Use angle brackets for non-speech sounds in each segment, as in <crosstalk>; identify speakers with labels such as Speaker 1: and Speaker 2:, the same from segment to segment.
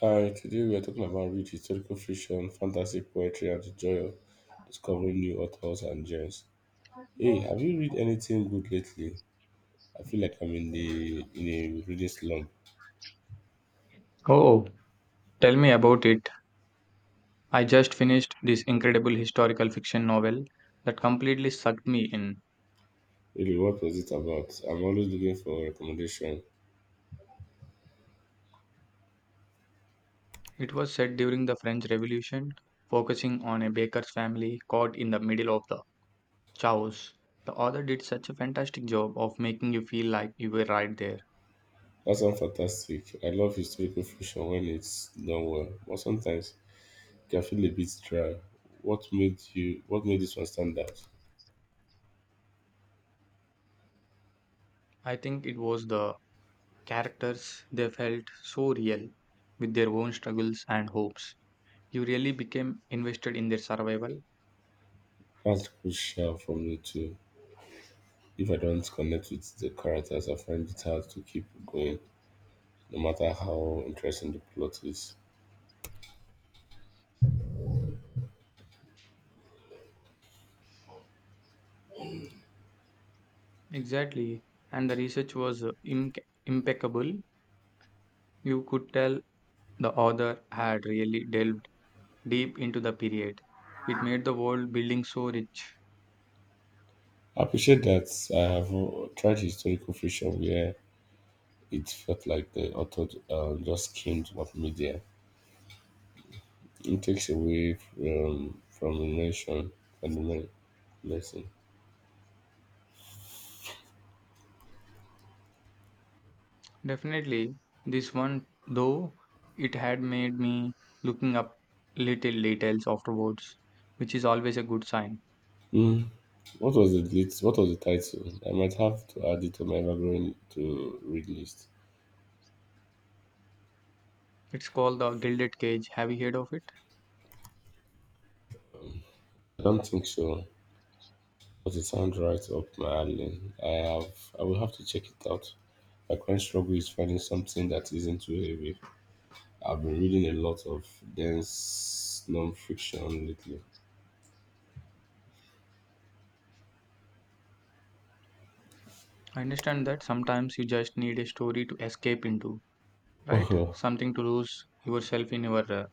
Speaker 1: Hi, today we are talking about rich historical fiction, fantasy poetry, and the joy of discovering new authors and gems. Hey, have you read anything good lately? I feel like I'm in a reading slump.
Speaker 2: Oh, oh, tell me about it. I just finished this incredible historical fiction novel that completely sucked me in.
Speaker 1: Really, what was it about? I'm always looking for recommendation.
Speaker 2: It was set during the French Revolution, focusing on a baker's family caught in the middle of the chaos. The author did such a fantastic job of making you feel like you were right there.
Speaker 1: That sounds fantastic. I love historical fiction when it's done well, but sometimes it can feel a bit dry. What made you? What made this one stand out?
Speaker 2: I think it was the characters, they felt so real with their own struggles and hopes. You really became invested in their survival.
Speaker 1: That's crucial for me too. If I don't connect with the characters, I find it hard to keep going, no matter how interesting the plot is.
Speaker 2: Exactly. And the research was impeccable. You could tell the author had really delved deep into the period. It made the world building so rich.
Speaker 1: I appreciate that I have tried historical fiction where it felt like the author just skimmed what media. It takes away from the nation and the lesson.
Speaker 2: Definitely, this one, though, it had made me looking up little details afterwards, which is always a good sign.
Speaker 1: Mm. What was the title? I might have to add it to my ever-growing to read list.
Speaker 2: It's called the Gilded Cage. Have you heard of it?
Speaker 1: I don't think so, but it sounds right up my alley. I have. I will have to check it out. My current struggle is finding something that isn't too heavy. I've been reading a lot of dense non-fiction lately.
Speaker 2: I understand that sometimes you just need a story to escape into, right?
Speaker 1: <laughs>
Speaker 2: Something to lose yourself in your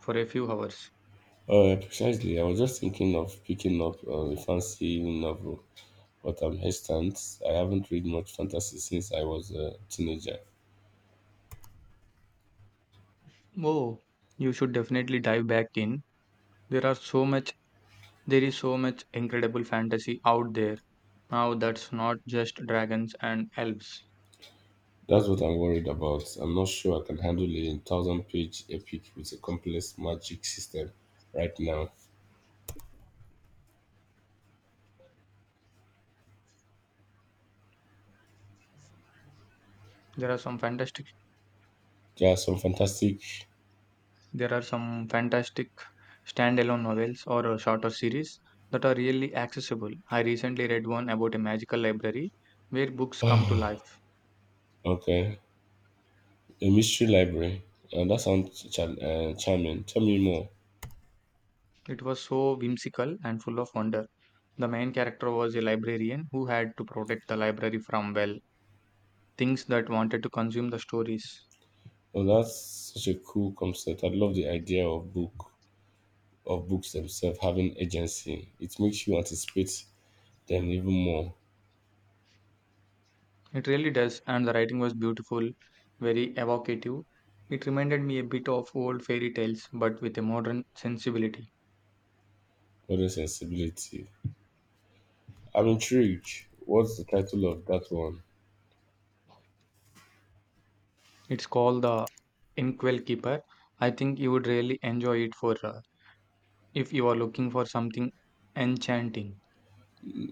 Speaker 2: for a few hours.
Speaker 1: Oh, precisely. I was just thinking of picking up a fancy novel, but I'm hesitant. I haven't read much fantasy since I was a teenager.
Speaker 2: Oh, you should definitely dive back in. There are so much There is so much incredible fantasy out there now that's not just dragons and elves.
Speaker 1: That's what I'm worried about. I'm not sure I can handle a thousand-page epic with a complex magic system right now.
Speaker 2: There are some fantastic
Speaker 1: There are some fantastic.
Speaker 2: there are some fantastic standalone novels or shorter series that are really accessible. I recently read one about a magical library where books come to life.
Speaker 1: Okay, a mystery library. That sounds charming. Tell me more.
Speaker 2: It was so whimsical and full of wonder. The main character was a librarian who had to protect the library from well things that wanted to consume the stories.
Speaker 1: Oh, that's such a cool concept. I love the idea of books themselves having agency. It makes you anticipate them even more.
Speaker 2: It really does, and the writing was beautiful, very evocative. It reminded me a bit of old fairy tales, but with a modern sensibility.
Speaker 1: Modern sensibility. I'm intrigued. What's the title of that one?
Speaker 2: It's called The Inkwell Keeper. I think you would really enjoy it for if you are looking for something enchanting.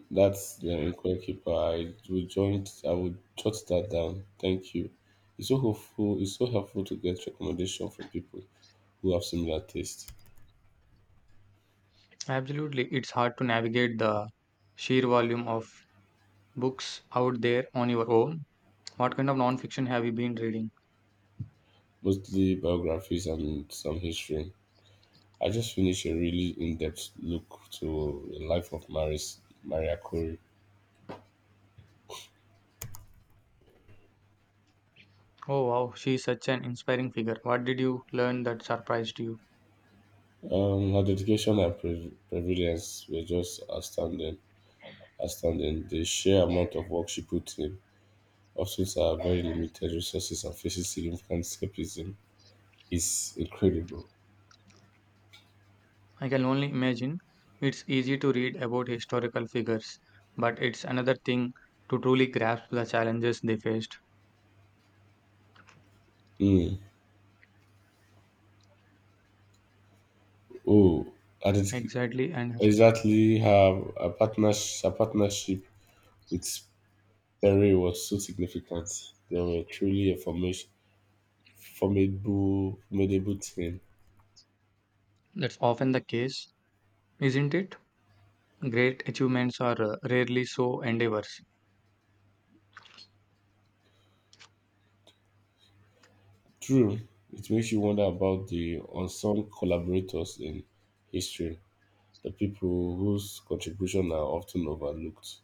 Speaker 1: That's the inquiry keeper. I will join. I will jot that down. Thank you. It's so helpful to get recommendation from people who have similar taste,
Speaker 2: Absolutely, it's hard to navigate the sheer volume of books out there on your own. What kind of nonfiction have you been reading?
Speaker 1: mostly biographies and some history. I just finished a really in-depth look to the life of Maria Curie.
Speaker 2: Oh wow, she's such an inspiring figure. What did you learn that surprised you?
Speaker 1: Her dedication and prevalence were just astounding. Astounding. The sheer amount of work she put in, often to her very limited resources and faces significant skepticism, is incredible.
Speaker 2: I can only imagine it's easy to read about historical figures, but it's another thing to truly grasp the challenges they faced.
Speaker 1: Mm. Oh, and it's
Speaker 2: Exactly, and
Speaker 1: exactly her, her, partners, her partnership with Perry was so significant. They were truly a formidable team.
Speaker 2: that's often the case, isn't it? Great achievements are rarely so endeavors.
Speaker 1: True, it makes you wonder about the unsung collaborators in history, the people whose contributions are often overlooked.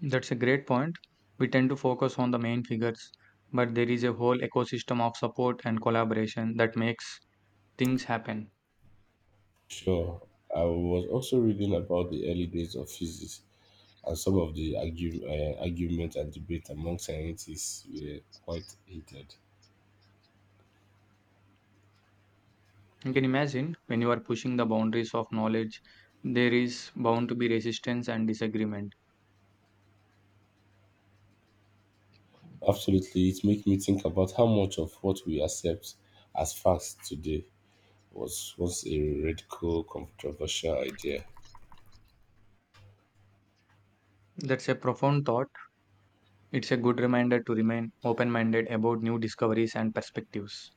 Speaker 2: That's a great point. We tend to focus on the main figures, but there is a whole ecosystem of support and collaboration that makes things happen.
Speaker 1: Sure, I was also reading about the early days of physics, and some of the argument and debate among scientists were quite heated.
Speaker 2: You can imagine when you are pushing the boundaries of knowledge, there is bound to be resistance and disagreement.
Speaker 1: Absolutely, it makes me think about how much of what we accept as facts today was once a radical, controversial idea.
Speaker 2: That's a profound thought. It's a good reminder to remain open minded about new discoveries and perspectives.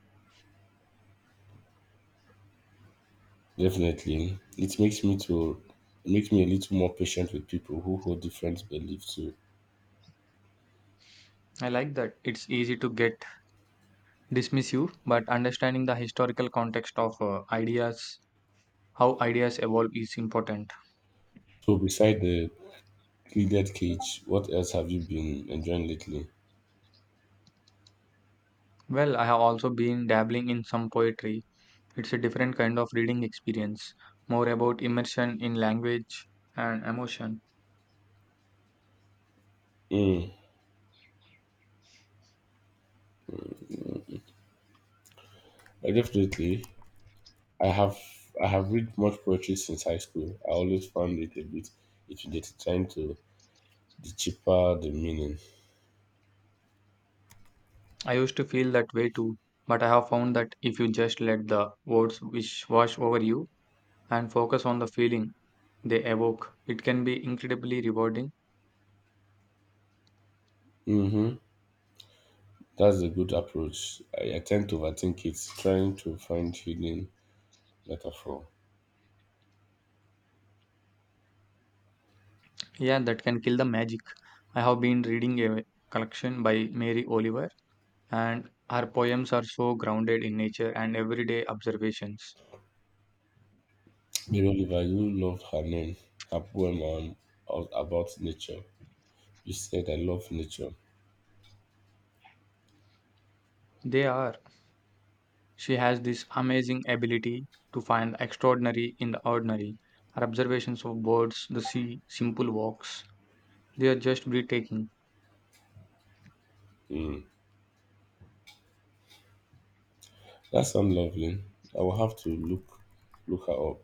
Speaker 1: Definitely, it makes me a little more patient with people who hold different beliefs too.
Speaker 2: I like that. It's easy to get dismissive, but understanding the historical context of ideas, how ideas evolve, is important.
Speaker 1: So, beside the pleated cage, what else have you been enjoying lately?
Speaker 2: Well, I have also been dabbling in some poetry. It's a different kind of reading experience, more about immersion in language and emotion.
Speaker 1: Mm, I definitely, I have I have read much poetry since high school. I always found it a bit intimidating trying to the cheaper the meaning.
Speaker 2: I used to feel that way too, but I have found that if you just let the words which wash over you and focus on the feeling, they evoke. It can be incredibly rewarding.
Speaker 1: Mm-hmm. That's a good approach. I tend to overthink it, trying to find hidden metaphor.
Speaker 2: Yeah, that can kill the magic. I have been reading a collection by Mary Oliver, and her poems are so grounded in nature and everyday observations.
Speaker 1: Mary Oliver, you loved her name, her poem about nature. You said I love nature.
Speaker 2: They are. She has this amazing ability to find the extraordinary in the ordinary. Her observations of birds, the sea, simple walks, they are just breathtaking.
Speaker 1: Hmm, that sounds lovely. I will have to look her up.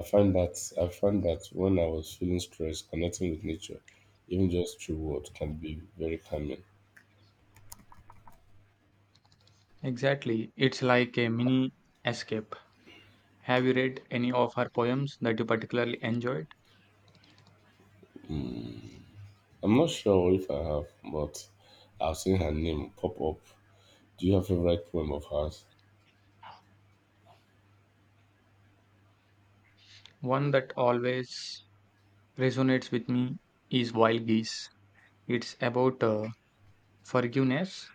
Speaker 1: I find that when I was feeling stressed, connecting with nature, even just through words, can be very calming.
Speaker 2: Exactly. It's like a mini escape. Have you read any of her poems that you particularly enjoyed?
Speaker 1: Hmm, I'm not sure if I have, but I've seen her name pop up. Do you have a favorite poem of hers?
Speaker 2: One that always resonates with me is Wild Geese. It's about forgiveness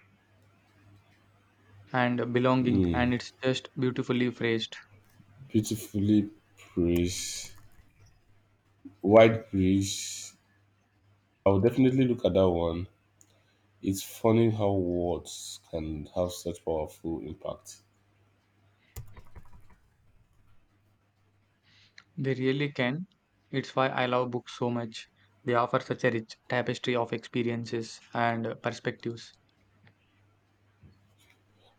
Speaker 2: and belonging,
Speaker 1: Hmm,
Speaker 2: and it's just beautifully phrased.
Speaker 1: beautifully praised, wide praise, I'll definitely look at that one. It's funny how words can have such powerful impact.
Speaker 2: They really can. It's why I love books so much. They offer such a rich tapestry of experiences and perspectives.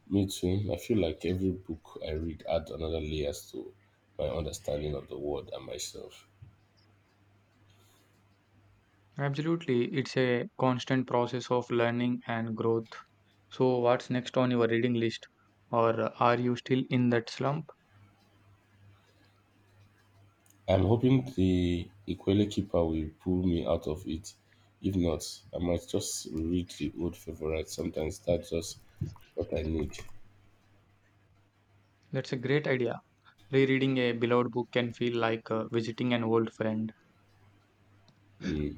Speaker 1: Me too. I feel like every book I read adds another layers to my understanding of the world and myself.
Speaker 2: Absolutely, it's a constant process of learning and growth. So, what's next on your reading list? Or are you still in that slump?
Speaker 1: I'm hoping the Equally Keeper will pull me out of it. If not, I might just read the old favorites. Sometimes that's just what I need.
Speaker 2: That's a great idea. Rereading a beloved book can feel like visiting an old friend.
Speaker 1: Mm,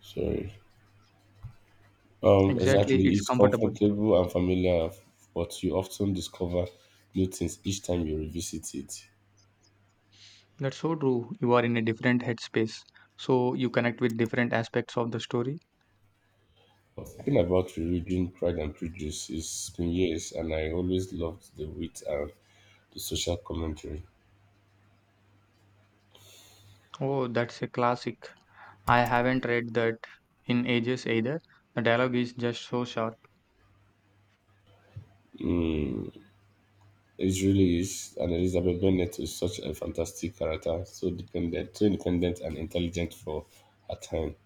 Speaker 1: sorry. Exactly.
Speaker 2: Exactly, it's
Speaker 1: It's
Speaker 2: comfortable.
Speaker 1: comfortable and familiar, but you often discover new things each time you revisit it.
Speaker 2: That's so true. You are in a different headspace, so you connect with different aspects of the story.
Speaker 1: I was thinking about rereading Pride and Prejudice. It's been years, and I always loved the wit and the social commentary.
Speaker 2: Oh, that's a classic. I haven't read that in ages either. The dialogue is just so sharp.
Speaker 1: It really is, and Elizabeth Bennet is such a fantastic character, so independent and intelligent for her time.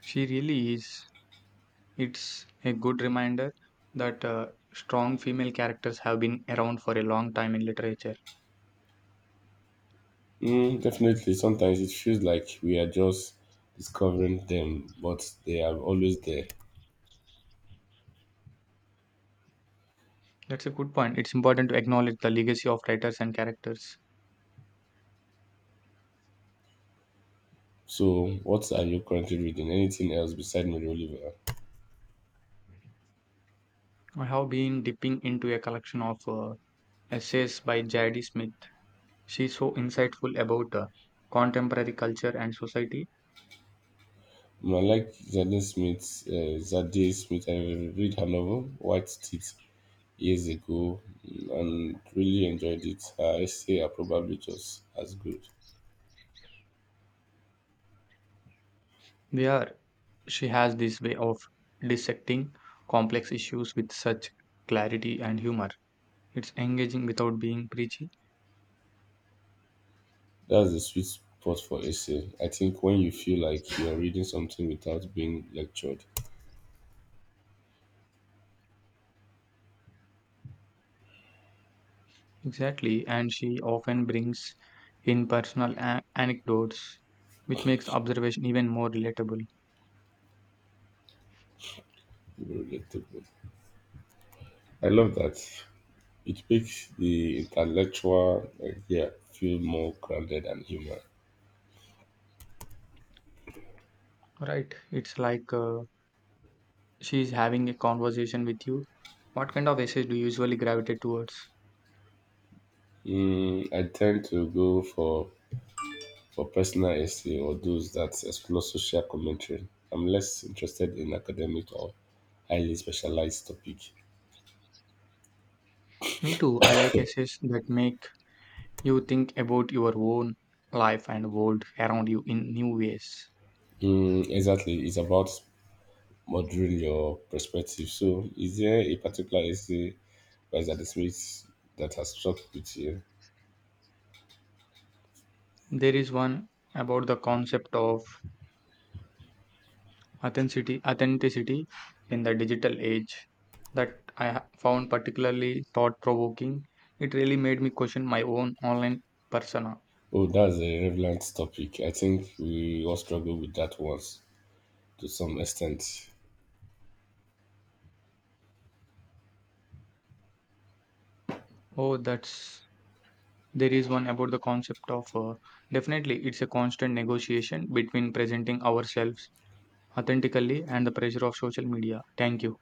Speaker 2: She really is. It's a good reminder that strong female characters have been around for a long time in literature.
Speaker 1: Mm, definitely. Sometimes it feels like we are just discovering them, but they are always there.
Speaker 2: That's a good point. It's important to acknowledge the legacy of writers and characters.
Speaker 1: So, what are you currently reading? Anything else besides Mary Oliver?
Speaker 2: I have been dipping into a collection of essays by J.D. Smith. She's so insightful about contemporary culture and society.
Speaker 1: I like Zadie Smith. I read her novel White Teeth years ago, and really enjoyed it. Her essay are probably just as good.
Speaker 2: There, she has this way of dissecting complex issues with such clarity and humor. It's engaging without being preachy.
Speaker 1: That's the sweet spot for essay. I think when you feel like you are reading something without being lectured,
Speaker 2: Exactly, and she often brings in personal anecdotes, which makes observation even more relatable.
Speaker 1: you will relate to it. I love that. It makes the intellectual idea feel more grounded and human.
Speaker 2: Right, it's like she's having a conversation with you. What kind of essays do you usually gravitate towards?
Speaker 1: Mm, I tend to go for personal essay or those that explore social commentary. I'm less interested in academic or highly specialized topic.
Speaker 2: Me too. I like essays that make you think about your own life and world around you in new ways.
Speaker 1: Mm, exactly, it's about moderating your perspective. So, is there a particular essay by Zadie Smith that has struck with you?
Speaker 2: There is one about the concept of authenticity in the digital age that found particularly thought provoking. It really made me question my own online persona.
Speaker 1: Oh, that's a relevant topic. I think we all struggle with that once to some extent.
Speaker 2: Oh, that's there is one about the concept of definitely it's a constant negotiation between presenting ourselves authentically and the pressure of social media. Thank you.